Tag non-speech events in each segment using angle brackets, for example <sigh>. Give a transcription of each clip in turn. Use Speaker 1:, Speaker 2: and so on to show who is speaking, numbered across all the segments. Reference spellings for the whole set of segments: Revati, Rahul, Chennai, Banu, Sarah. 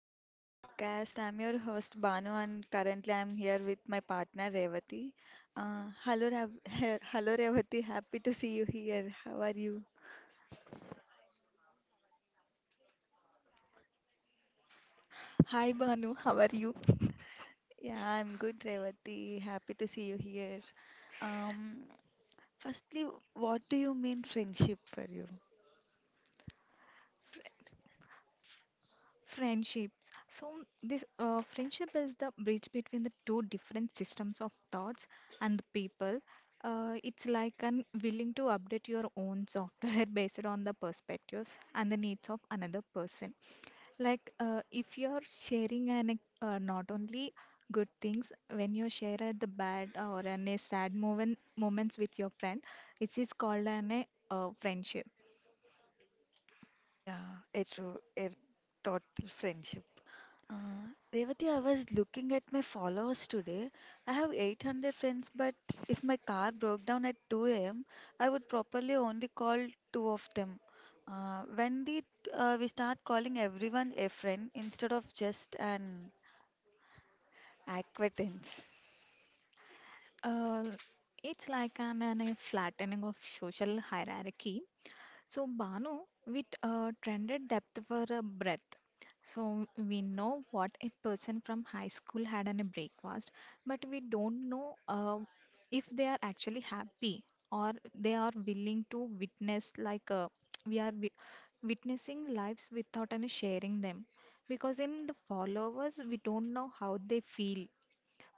Speaker 1: back to the podcast. I'm your host Banu, and currently I'm here with my partner Revati. Hello, Rav- <laughs> hello Revati. Happy to see you here. How are you? Yeah, I'm good, Revati. Happy to see you here. Um, firstly, what do you mean friendship for you?
Speaker 2: Friendships. So, this friendship is the bridge between the two different systems of thoughts and the people. It's like an willing to update your own software <laughs> based on the perspectives and the needs of another person. Like, if you're sharing not only good things when you share at the bad or any sad moments with your friend, it is called an a friendship.
Speaker 1: Yeah, it's true. It taught friendship. Revati, I was looking at my followers today. I have 800 friends, but if my car broke down at 2 a.m., I would probably only call two of them. When did we start calling everyone a friend instead of just an acquaintance?
Speaker 2: Uh, it's like an a flattening of social hierarchy. So Banu, with trended depth for a breadth. So we know what a person from high school had on a breakfast, but we don't know if they are actually happy or they are willing to witness like we are witnessing lives without any sharing them. Because in the followers, we don't know how they feel,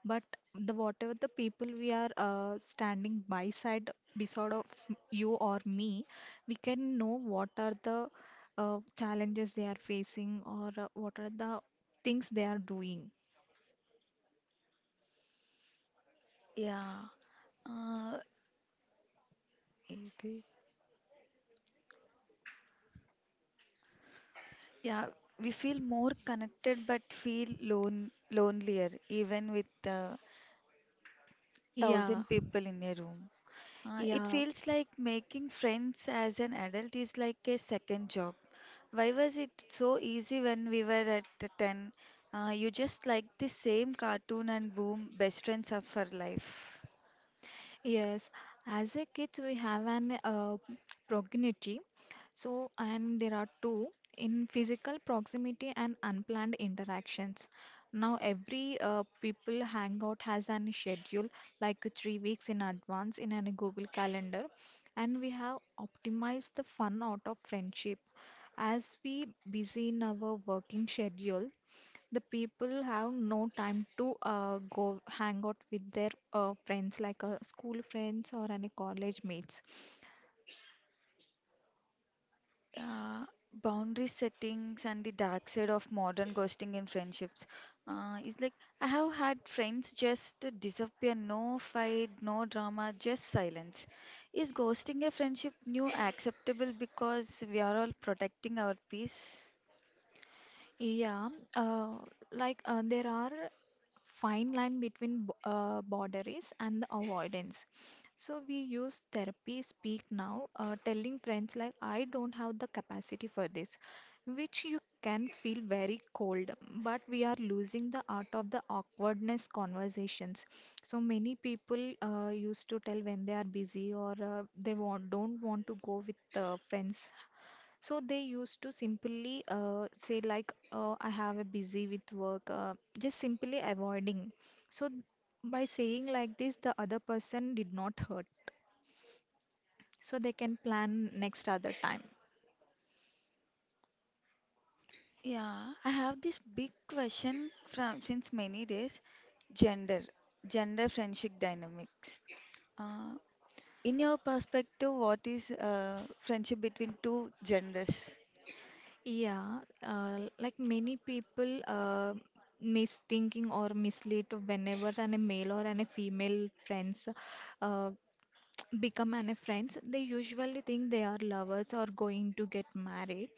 Speaker 2: but the whatever the people we are standing by side beside of you or me, we can know what are the challenges they are facing or what are the things they are doing.
Speaker 1: Yeah. Uh, Iti. Yeah, we feel more connected but feel lonelier even with the
Speaker 2: Yeah,
Speaker 1: thousand people in a room. It
Speaker 2: yeah.
Speaker 1: feels like making friends as an adult is like a second job. Why was it so easy when we were at the 10? You just like the same cartoon and boom, best friends are for life.
Speaker 2: Yes, as a kid we have an proximity. So, and there are two in physical proximity and unplanned interactions. Now, every people hangout has an schedule like 3 weeks in advance in a Google Calendar, and we have optimized the fun out of friendship. As we busy in our working schedule, the people have no time to go hang out with their friends, like school friends or any college mates.
Speaker 1: uh, Boundary settings and the dark side of modern ghosting in friendships is like I have had friends just to disappear, no fight, no drama, just silence. Is ghosting a friendship new acceptable because we are all protecting our peace?
Speaker 2: Yeah, uh, like there are fine line between boundaries and the avoidance. So we use therapy speak now, telling friends like I don't have the capacity for this, which you can feel very cold, but we are losing the art of the awkwardness conversations. So many people used to tell when they are busy or they want, don't want to go with friends, so they used to simply say like, I have a busy with work, just simply avoiding. So by saying like this, the other person did not hurt. So they can plan next other time.
Speaker 1: Yeah, I have this big question from since many days, gender, gender friendship dynamics. Uh, in your perspective, what is friendship between two genders?
Speaker 2: Yeah, like many people misthinking or mislead whenever an a male or an a female friends uh, become any friends, they usually think they are lovers or going to get married,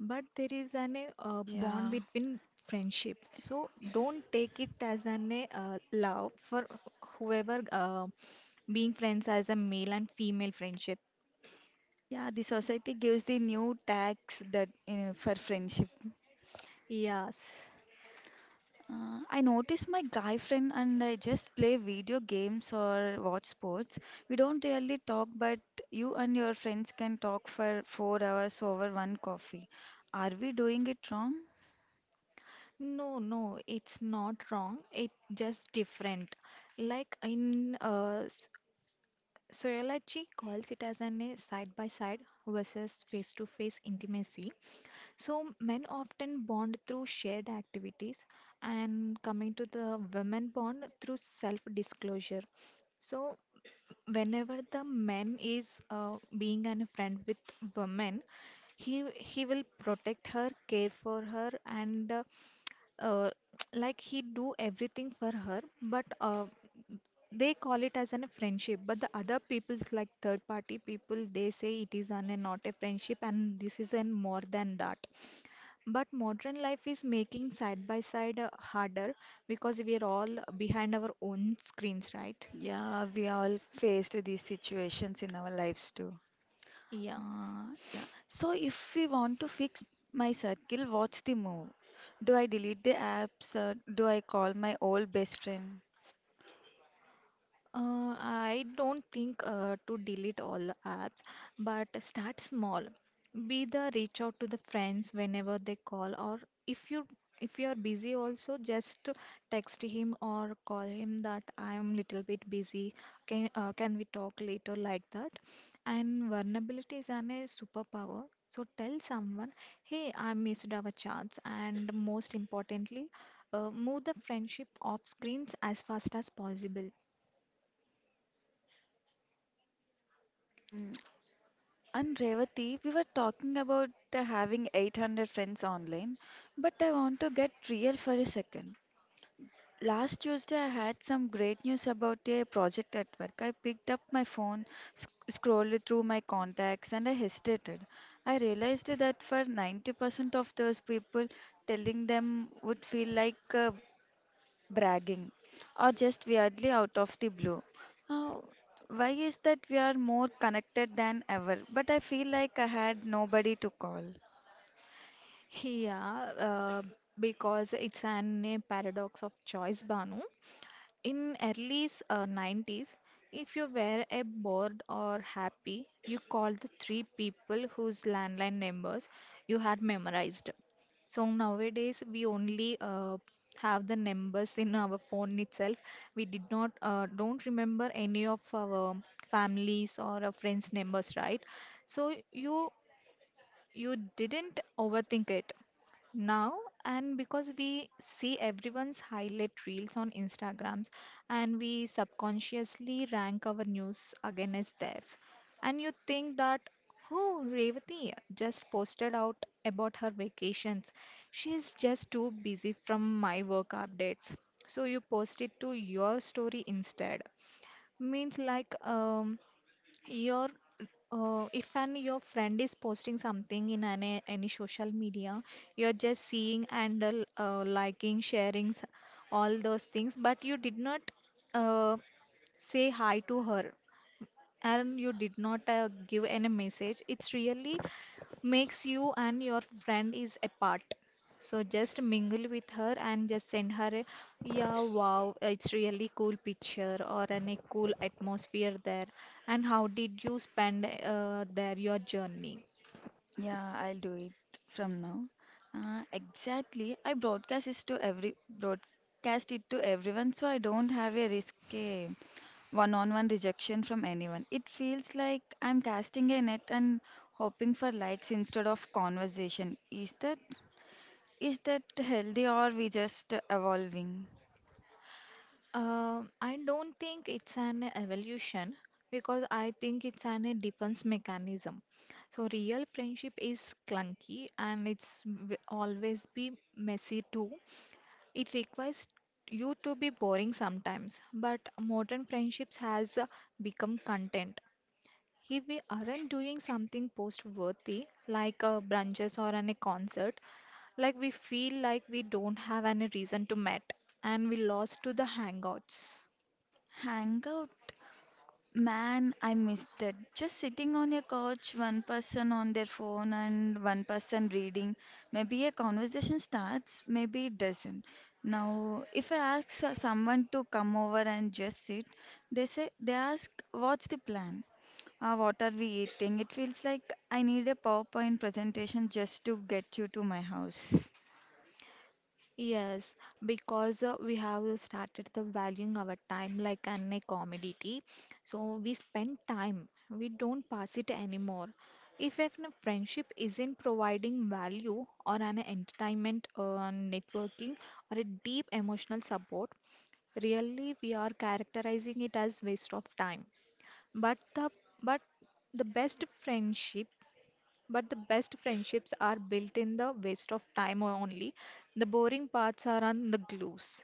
Speaker 2: but there is an bond
Speaker 1: Yeah,
Speaker 2: between friendship, so don't take it as an love for whoever being friends as a male and female friendship.
Speaker 1: yeah, the society gives the new tags that for friendship.
Speaker 2: Yes.
Speaker 1: I notice my guy friend and I just play video games or watch sports. We don't really talk, but you and your friends can talk for 4 hours over one coffee. Are we doing it wrong?
Speaker 2: No, no, it's not wrong. It's just different. Like in sociology calls it as an a side by side versus face to face intimacy. So men often bond through shared activities, and coming to the women bond through self-disclosure. So whenever the man is being a friend with women, he will protect her, care for her, and uh, <tsk> like he do everything for her. But they call it as an friendship, but the other people's like third party people they say it is an, not a friendship, and this is an more than that, but modern life is making side by side harder because we are all behind our own screens, right?
Speaker 1: Yeah, we all faced these situations in our lives too.
Speaker 2: Yeah.
Speaker 1: Uh, yeah. So if we want to fix my circle, what's the move? Do I delete the apps? Do I call my old best friend?
Speaker 2: I don't think to delete all the apps, but start small. Be the reach out to the friends whenever they call, or if you if you are busy also, just text him or call him that I am little bit busy. Can we talk later, like that? And vulnerability is an a superpower. So tell someone, hey, I missed our chance, and most importantly, move the friendship off screens as fast as possible.
Speaker 1: Mm, and Revati, we were talking about having 800 friends online, but I want to get real for a second. Last Tuesday, I had some great news about a project at work. I picked up my phone, scrolled through my contacts, and I hesitated. I realized that for 90% of those people, telling them would feel like bragging or just weirdly out of the blue. Uh, why is that we are more connected than ever? But I feel like I had nobody to call.
Speaker 2: Yeah, because it's an a paradox of choice, Banu. In early 90s, if you were a bored or happy, you called the three people whose landline numbers you had memorized. So nowadays, we only have the numbers in our phone itself. We did not don't remember any of our families or our friends' numbers, right? So you didn't overthink it now, and because we see everyone's highlight reels on Instagrams, and we subconsciously rank our news against theirs, and you think that, oh, Revati just posted out about her vacations, she is just too busy from my work updates, so you post it to your story instead. Means like your, if an your friend is posting something in any social media, you're just seeing and liking, sharing, all those things, but you did not uh, say hi to her, and you did not give any message. It's really makes you and your friend is apart. So just mingle with her and just send her a, yeah, wow, it's really cool picture, or any cool atmosphere there, and how did you spend there your journey?
Speaker 1: Yeah, I'll do it from now. Exactly. I broadcast it to every broadcast it to everyone, so I don't have a risk a one-on-one rejection from anyone. It feels like I'm casting a net and hoping for likes instead of conversation. Is that healthy or we just evolving?
Speaker 2: I don't think it's an evolution, because I think it's an a defense mechanism. So real friendship is clunky, and it's always be messy too. It requires you to be boring sometimes, but modern friendships has become content. If we aren't doing something post worthy, like a brunches or a concert, like we feel like we don't have any reason to meet, and we lost to the hangouts.
Speaker 1: Hangout. Man, I miss that. Just sitting on your couch, one person on their phone and one person reading. Maybe a conversation starts, maybe it doesn't. Now, if I ask someone to come over and just sit, they ask, "What's the plan? What are we eating?" It feels like I need a PowerPoint presentation just to get you to my house.
Speaker 2: Yes, because we have started the valuing our time like an a commodity. So we spend time, we don't pass it anymore. If a friendship isn't providing value or an entertainment or networking or a deep emotional support, really we are characterizing it as waste of time. But the but the best friendship but the best friendships are built in the waste of time only. The boring parts are on the glues.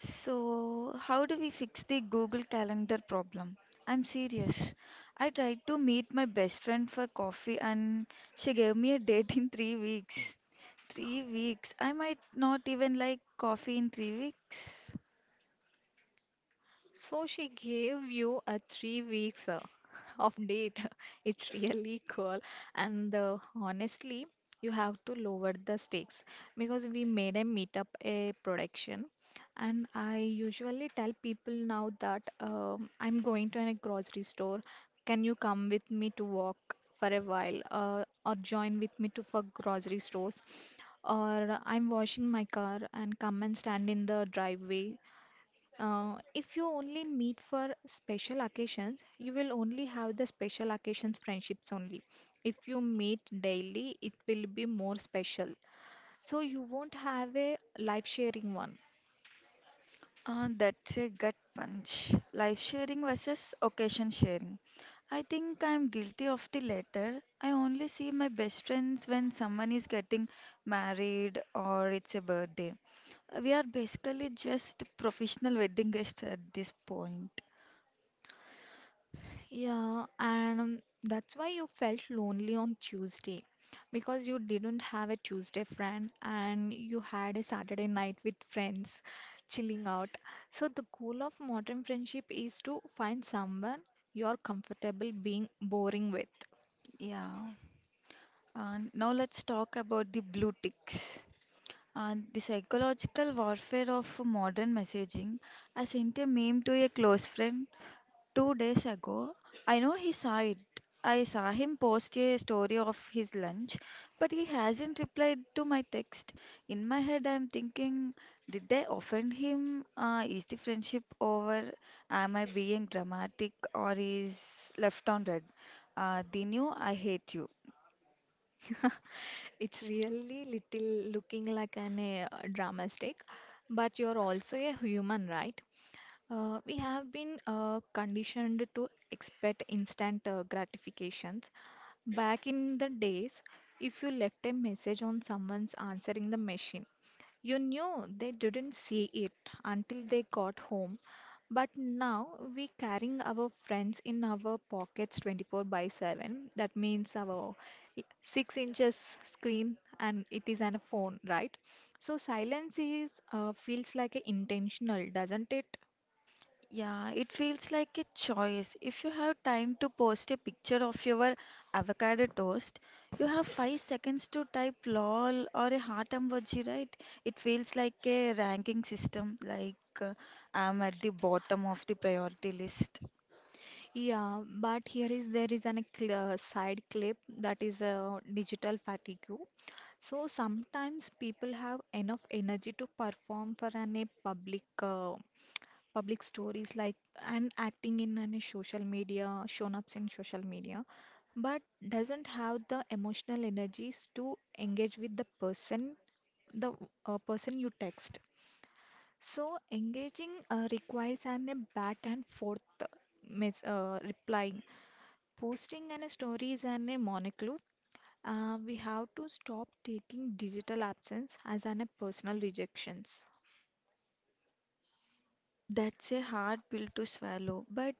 Speaker 1: So, how do we fix the Google Calendar problem? I'm serious. I tried to meet my best friend for coffee and she gave me a date in 3 weeks. 3 weeks. I might not even like coffee in 3 weeks.
Speaker 2: So she gave you a 3 weeks <laughs> of date. <laughs> It's really cool. And honestly, you have to lower the stakes, because we made a meetup a production. And I usually tell people now that I'm going to a grocery store. Can you come with me to walk for a while, or join with me to for grocery stores? Or I'm washing my car and come and stand in the driveway. If you only meet for special occasions, you will only have the special occasions friendships only. If you meet daily, it will be more special. So you won't have a life sharing one.
Speaker 1: That's a gut punch. Life sharing versus occasion sharing. I think I'm guilty of the latter. I only see my best friends when someone is getting married or it's a birthday. We are basically just professional wedding guests at this point.
Speaker 2: Yeah, and that's why you felt lonely on Tuesday, because you didn't have a Tuesday friend and you had a Saturday night with friends chilling out. So, the goal of modern friendship is to find someone you're comfortable being boring with.
Speaker 1: Yeah. And now let's talk about the blue ticks. And the psychological warfare of modern messaging. I sent a meme to a close friend 2 days ago. I know he saw it. I saw him post a story of his lunch, but he hasn't replied to my text. In my head, I'm thinking, did I offend him? Is the friendship over? Am I being dramatic or is left on red? Dinu, I hate you.
Speaker 2: <laughs> It's really little looking like an drama stick, but you're also a human, right? We have been conditioned to expect instant gratifications. Back in the days, if you left a message on someone's answering the machine, you knew they didn't see it until they got home. But now we carrying our friends in our pockets 24 by 7. That means our 6 inches screen, and it is an phone, right? So silence is feels like a intentional, doesn't it?
Speaker 1: Yeah, it feels like a choice. If you have time to post a picture of your avocado toast, you have 5 seconds to type lol or a heart emoji, right? It feels like a ranking system, like I'm at the bottom of the priority list.
Speaker 2: Yeah, but here is there is an side clip that is digital fatigue. So sometimes people have enough energy to perform for an a public stories, like, and acting in an a social media, shown ups in social media, but doesn't have the emotional energies to engage with the person you text. So engaging requires an a back and forth reply. Posting and stories and a monocle. We have to stop taking digital absence as an personal rejections.
Speaker 1: That's a hard pill to swallow, but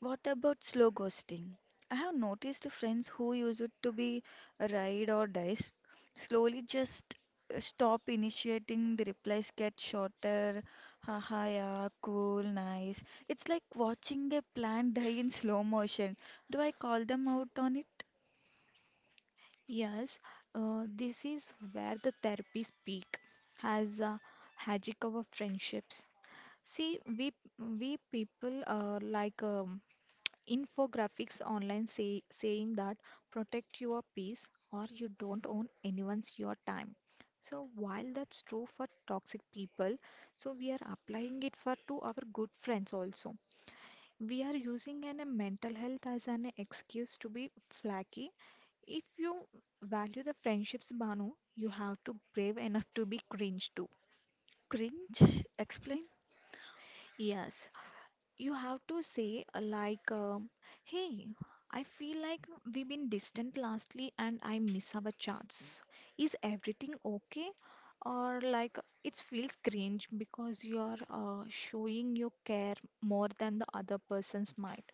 Speaker 1: what about slow ghosting? I have noticed friends who used it to be a ride or dice slowly just stop initiating. The replies get shorter. Haha, yeah, cool, nice. It's like watching a plant die in slow motion. Do I call them out on it?
Speaker 2: Yes, this is where the therapy speak has hijacked our friendships. See, we people, like, infographics online saying that protect your peace or you don't own anyone's your time, so while that's true for toxic people, so we are applying it for to our good friends also. We are using a mental health as an excuse to be flaky. If you value the friendships, Banu, you have to brave enough to be cringe too.
Speaker 1: Cringe? Explain.
Speaker 2: Yes. You have to say like, "Hey, I feel like we've been distant lastly, and I miss our chats. Is everything okay?" Or like, it feels cringe because you are showing you care more than the other person's might.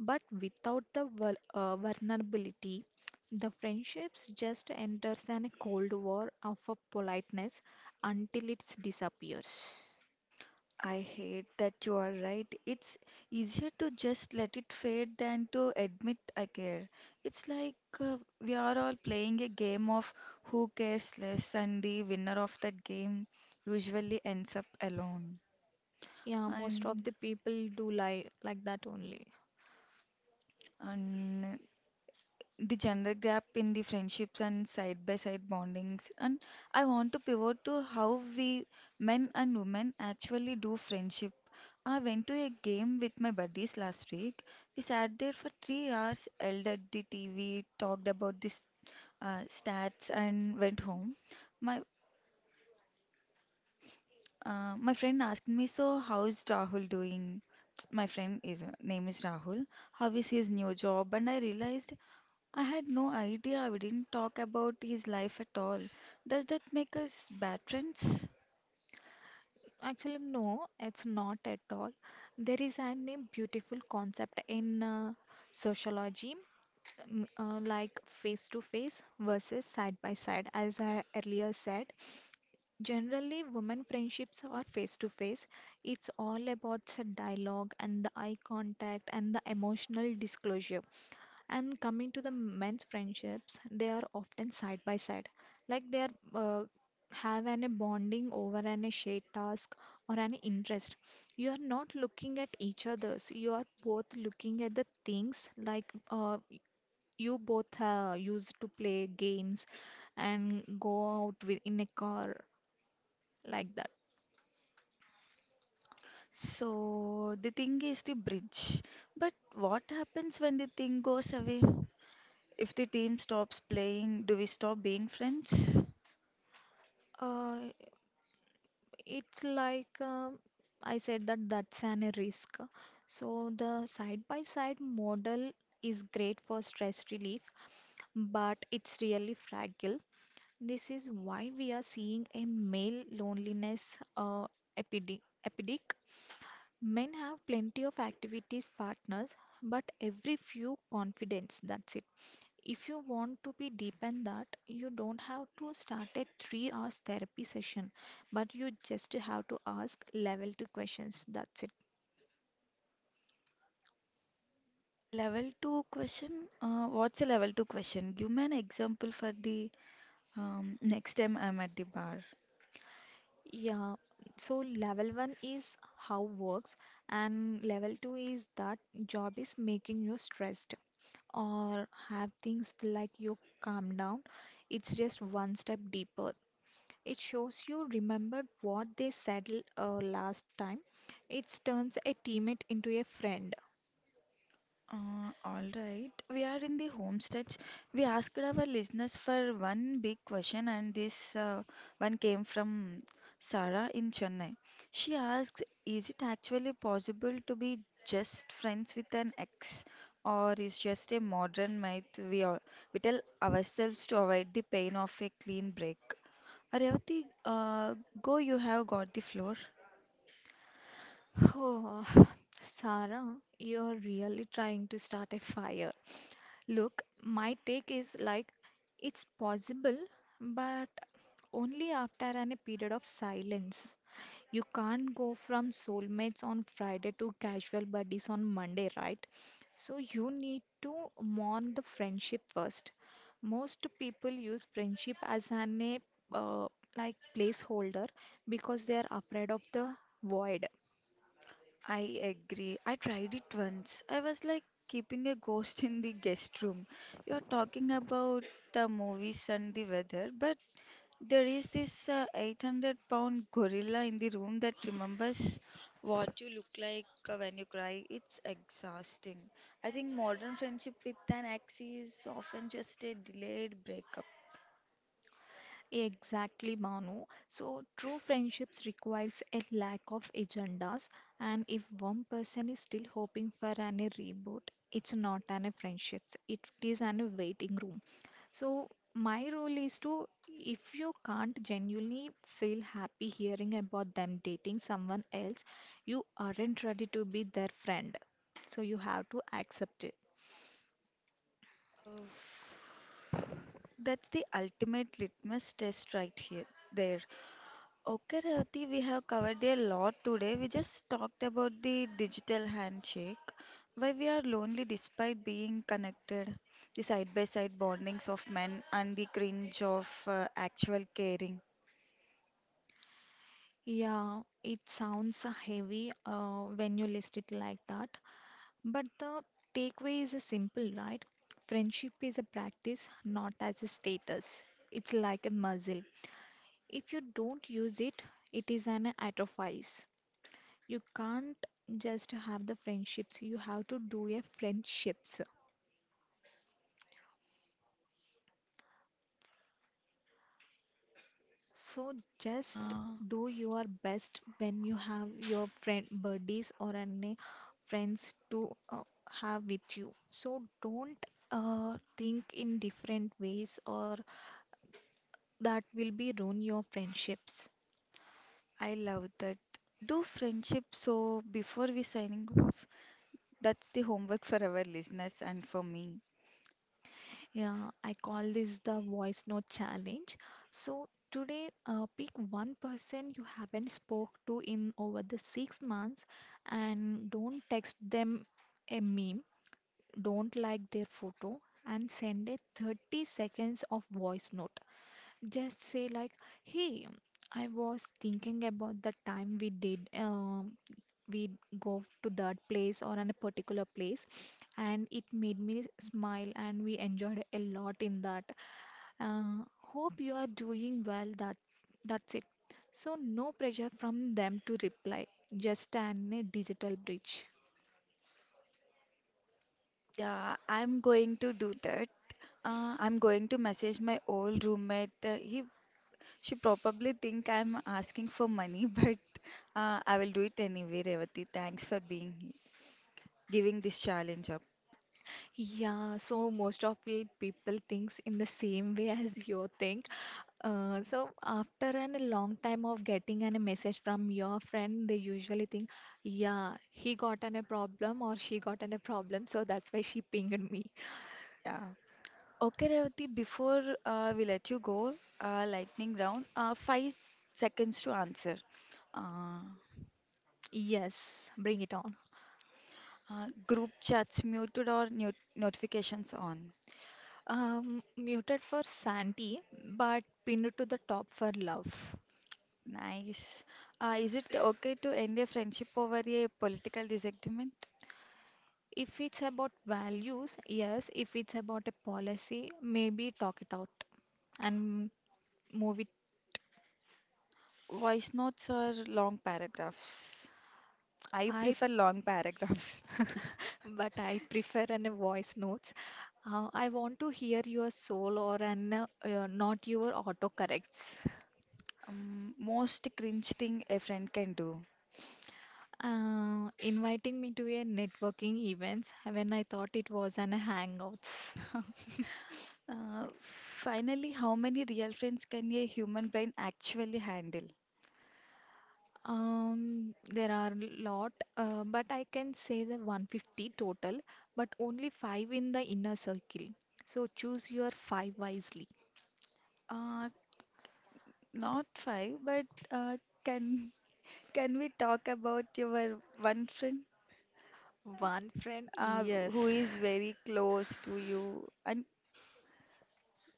Speaker 2: But without the vulnerability, the friendships just enters in a cold war of a politeness until it disappears.
Speaker 1: I hate that you are right. It's easier to just let it fade than to admit I care. It's like we are all playing a game of who cares less, and the winner of that game usually ends up alone.
Speaker 2: Yeah, most of
Speaker 1: And
Speaker 2: the people do lie like that only.
Speaker 1: and the gender gap in the friendships and side by side bondings, and I want to pivot to how we men and women actually do friendship. I went to a game with my buddies last week. We sat there for 3 hours, yelled at the TV, talked about this stats, and went home. my my friend asked me, so how's Rahul doing? My friend is name is Rahul. How is his new job? And I realized I had no idea. We didn't talk about his life at all. Does that make us bad friends?
Speaker 2: Actually, no, it's not at all. There is an a beautiful concept in sociology, like face to face versus side by side. As I earlier said, generally women friendships are face to face. It's all about the dialogue and the eye contact and the emotional disclosure. And coming to the men's friendships, they are often side by side, like they are have an a bonding over an a shared task or an interest. You are not looking at each other's. You are both looking at the things like you both used to play games and go out with in a car like that.
Speaker 1: So, the thing is the bridge. But what happens when the thing goes away? If the team stops playing, do we stop being friends?
Speaker 2: Uh, It's like I said that that's an risk. So the side by side model is great for stress relief, but it's really fragile. This is why we are seeing a male loneliness epidemic. Men have plenty of activities partners, but every few confidence. That's it. If you want to be deep in that, you don't have to start a 3 hours therapy session, but you just have to ask level 2 questions. That's it.
Speaker 1: Level 2 question. What's a level 2 question? Give me an example for the next time I'm at the bar.
Speaker 2: Yeah, so level 1 is how works, and level 2 is that job is making you stressed or have things like you calm down. It's just one step deeper. It shows you remembered what they said last time. It turns a teammate into a friend.
Speaker 1: All right, we are in the home stretch. We asked our listeners for one big question, and this one came from Sarah in Chennai. She asks, is it actually possible to be just friends with an ex, or is just a modern myth we tell ourselves to avoid the pain of a clean break? Aryavati, go, you have got the floor.
Speaker 2: Oh, <sighs> Sarah, you're really trying to start a fire. Look, my take is like it's possible, but only after an, a period of silence. You can't go from soulmates on Friday to casual buddies on Monday, right? So you need to mourn the friendship first. Most people use friendship as an a, uh, like placeholder because they are afraid of the void.
Speaker 1: I agree. I tried it once. I was like keeping a ghost in the guest room. You're talking about the movies and the weather, but there is this 800-pound gorilla in the room that remembers what you look like when you cry. It's exhausting. I think modern friendship with an ex is often just a delayed breakup.
Speaker 2: Exactly, Manu. So, true friendships requires a lack of agendas, and if one person is still hoping for an a reboot, it's not an a friendship. It is an a waiting room. So, my role is to, if you can't genuinely feel happy hearing about them dating someone else, you aren't ready to be their friend. So, you have to accept it.
Speaker 1: Uh, That's the ultimate litmus test right here. There. Okay, Rati, we have covered a lot today. We just talked about the digital handshake, why we are lonely despite being connected, the side by side bondings of men, and the cringe of actual caring.
Speaker 2: Yeah, it sounds heavy when you list it like that, but the takeaway is a simple, right? Friendship is a practice, not as a status. It's like a muscle. If you don't use it, it is an atrophies. You can't just have the friendships, you have to do a friendships. So just
Speaker 1: Ah,
Speaker 2: do your best when you have your friend buddies or any friends to have with you. So don't think in different ways or that will be ruin your friendships.
Speaker 1: I love that. Do friendship so before we signing off. That's the homework for our listeners and for me.
Speaker 2: Yeah, I call this the voice note challenge. So today, pick one person you haven't spoke to in over the 6 months, and don't text them a meme, don't like their photo, and send a 30 seconds of voice note. Just say like, "Hey, I was thinking about the time we did we go to that place or in a particular place, and it made me smile and we enjoyed a lot in that, uh, hope you are doing well, that's it, so no pressure from them to reply, just an a digital bridge."
Speaker 1: Yeah, I'm going to do that. I'm going to message my old roommate. He She probably think I'm asking for money, <laughs> but I will do it anyway, Revati. Thanks for being giving this challenge up.
Speaker 2: Yeah, so most of the people thinks in the same way as you think. So after an a long time of getting an, a message from your friend, they usually think, yeah, he got an, a problem or she got an, a problem, so that's why she pinged me.
Speaker 1: Yeah. Okay, Revati, before we let you go, lightning round, 5 seconds to answer. Uh,
Speaker 2: Yes, bring it on.
Speaker 1: group chats muted or notifications on.
Speaker 2: Muted for Santi, but pinned to the top for love.
Speaker 1: Nice. Is it okay to end a friendship over a political disagreement?
Speaker 2: If it's about values, yes. If it's about a policy, maybe talk it out and move it.
Speaker 1: Voice notes or long paragraphs? I
Speaker 2: I
Speaker 1: prefer long <laughs> paragraphs.
Speaker 2: but I prefer an voice notes. I want to hear your soul or an not your autocorrects.
Speaker 1: Most cringe thing a friend can do.
Speaker 2: Inviting me to a networking events when I thought it was an hangouts.
Speaker 1: Finally, how many real friends can a human brain actually handle?
Speaker 2: There are lot, but I can say the 150 total, but only five in the inner circle. So choose your five wisely.
Speaker 1: Uh, Not five, but can <laughs> can we talk about your one friend
Speaker 2: One friend,
Speaker 1: uh, who
Speaker 2: yes.
Speaker 1: is very close to you? And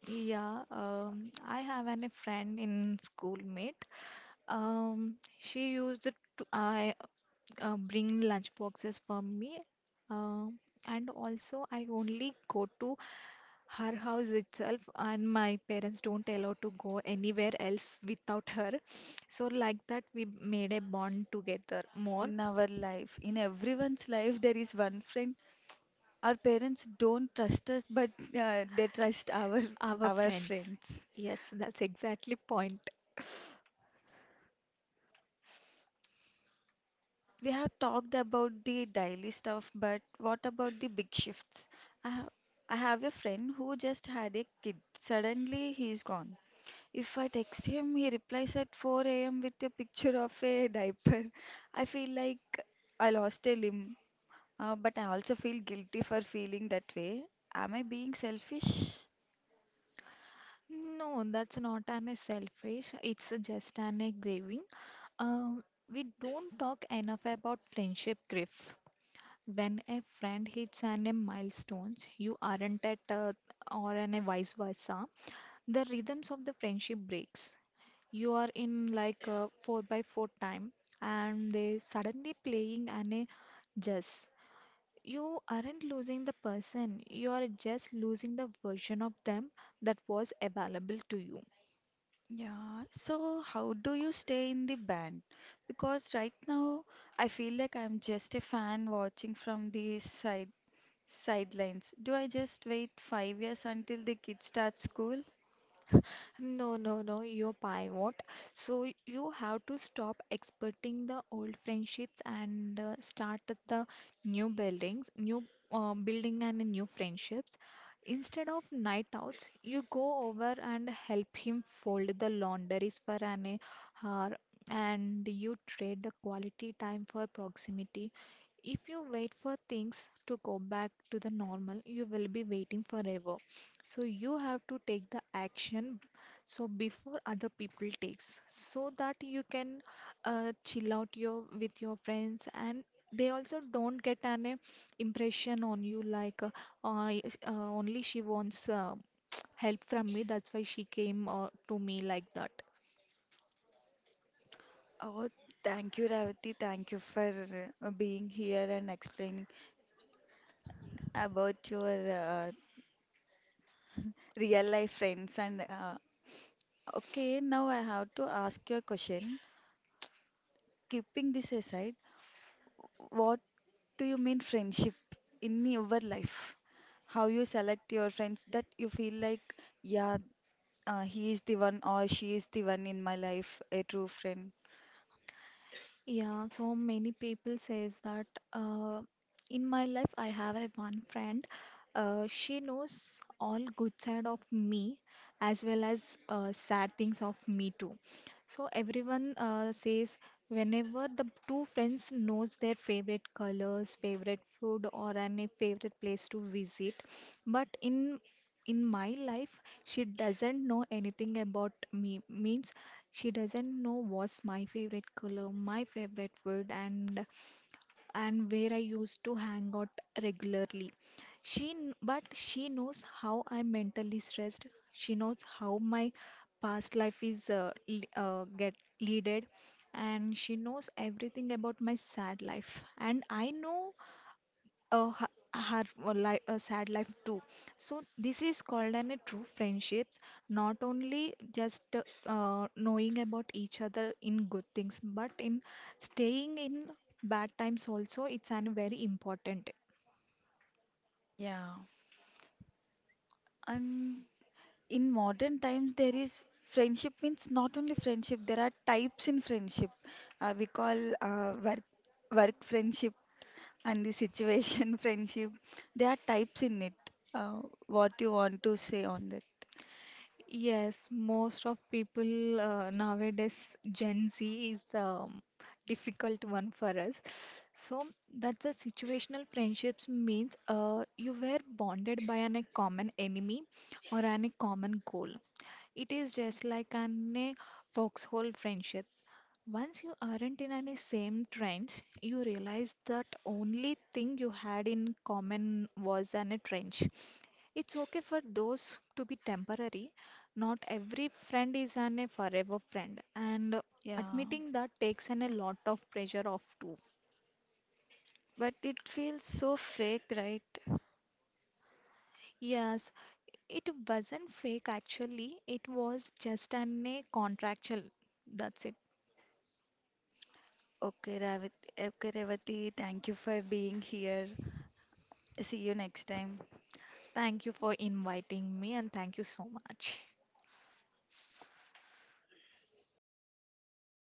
Speaker 2: Yeah, I have an, a friend in schoolmate. She used to I bring lunch boxes for me, um, and also I only go to her house itself, and my parents don't allow to go anywhere else without her. So like that, we made a bond together more.
Speaker 1: in our life, in everyone's life, there is one friend. Our parents don't trust us, but they trust
Speaker 2: Our
Speaker 1: our
Speaker 2: friends.
Speaker 1: friends.
Speaker 2: Yes, that's exactly point.
Speaker 1: We have talked about the daily stuff, but what about the big shifts? I have, I have a friend who just had a kid. Suddenly, he's gone. If I text him, he replies at 4 a.m. with a picture of a diaper. I feel like I lost a limb, but I also feel guilty for feeling that way. Am I being selfish?
Speaker 2: No, that's not an a selfish. It's just an a grieving. Um, we don't talk enough about friendship grief. When a friend hits an a milestone, you aren't at, or an a vice versa. The rhythms of the friendship breaks. You are in like a four by four time, and they suddenly playing an a jazz. You aren't losing the person. You are just losing the version of them that was available to you.
Speaker 1: Yeah, so how do you stay in the band? Because right now I feel like I'm just a fan watching from the sidelines. Sidelines. Do I just wait 5 years until the kids start school?
Speaker 2: No, no, no, you're pivot. So you have to stop expecting the old friendships and start at the new buildings, new building and new friendships. Instead of night outs, you go over and help him fold the laundries for an hour, and you trade the quality time for proximity. If you wait for things to go back to the normal, you will be waiting forever. So you have to take the action so before other people takes, so that you can chill out your with your friends, and they also don't get an impression on you like, I- uh, only she wants <tsk> help from me, that's why she came to me like that.
Speaker 1: Oh, thank you, Ravati. Thank you for being here and explaining about your real life friends. And Okay, now I have to ask you a question. Keeping this aside, what do you mean friendship in your life? How you select your friends that you feel like, yeah, he is the one or she is the one in my life, a true friend.
Speaker 2: Yeah, so many people says that uh, in my life I have a one friend. She knows all good side of me as well as sad things of me too. So everyone says whenever the two friends knows their favorite colors, favorite food, or any favorite place to visit, but in my life she doesn't know anything about me means she doesn't know what's my favorite color, my favorite food, and where I used to hang out regularly. But she knows how I'm mentally stressed. She knows how my past life is, get leaded, and she knows everything about my sad life, and I know had a sad life too. So this is called an a true friendships, not only just knowing about each other in good things, but in staying in bad times also. It's an very important.
Speaker 1: Yeah. And in modern times, there is friendship means not only friendship, there are types in friendship. We call work friendship and the situation <laughs> friendship. There are types in it. Uh, what you want to say on that?
Speaker 2: Yes, most of people nowadays, Gen Z is difficult one for us. So that's a situational friendships means you were bonded by an, a common enemy or an, a common goal. It is just like an a foxhole friendship. Once you aren't in any same trench, you realize that only thing you had in common was an, a trench. It's okay for those to be temporary. Not every friend is an a forever friend, and
Speaker 1: Yeah,
Speaker 2: admitting that takes an a lot of pressure off too.
Speaker 1: but it feels so fake, right?
Speaker 2: Yes, it wasn't fake actually. It was just an a contractual. That's it.
Speaker 1: Okay, Revati, thank you for being here. See you next time.
Speaker 2: Thank you for inviting me, and thank you so much.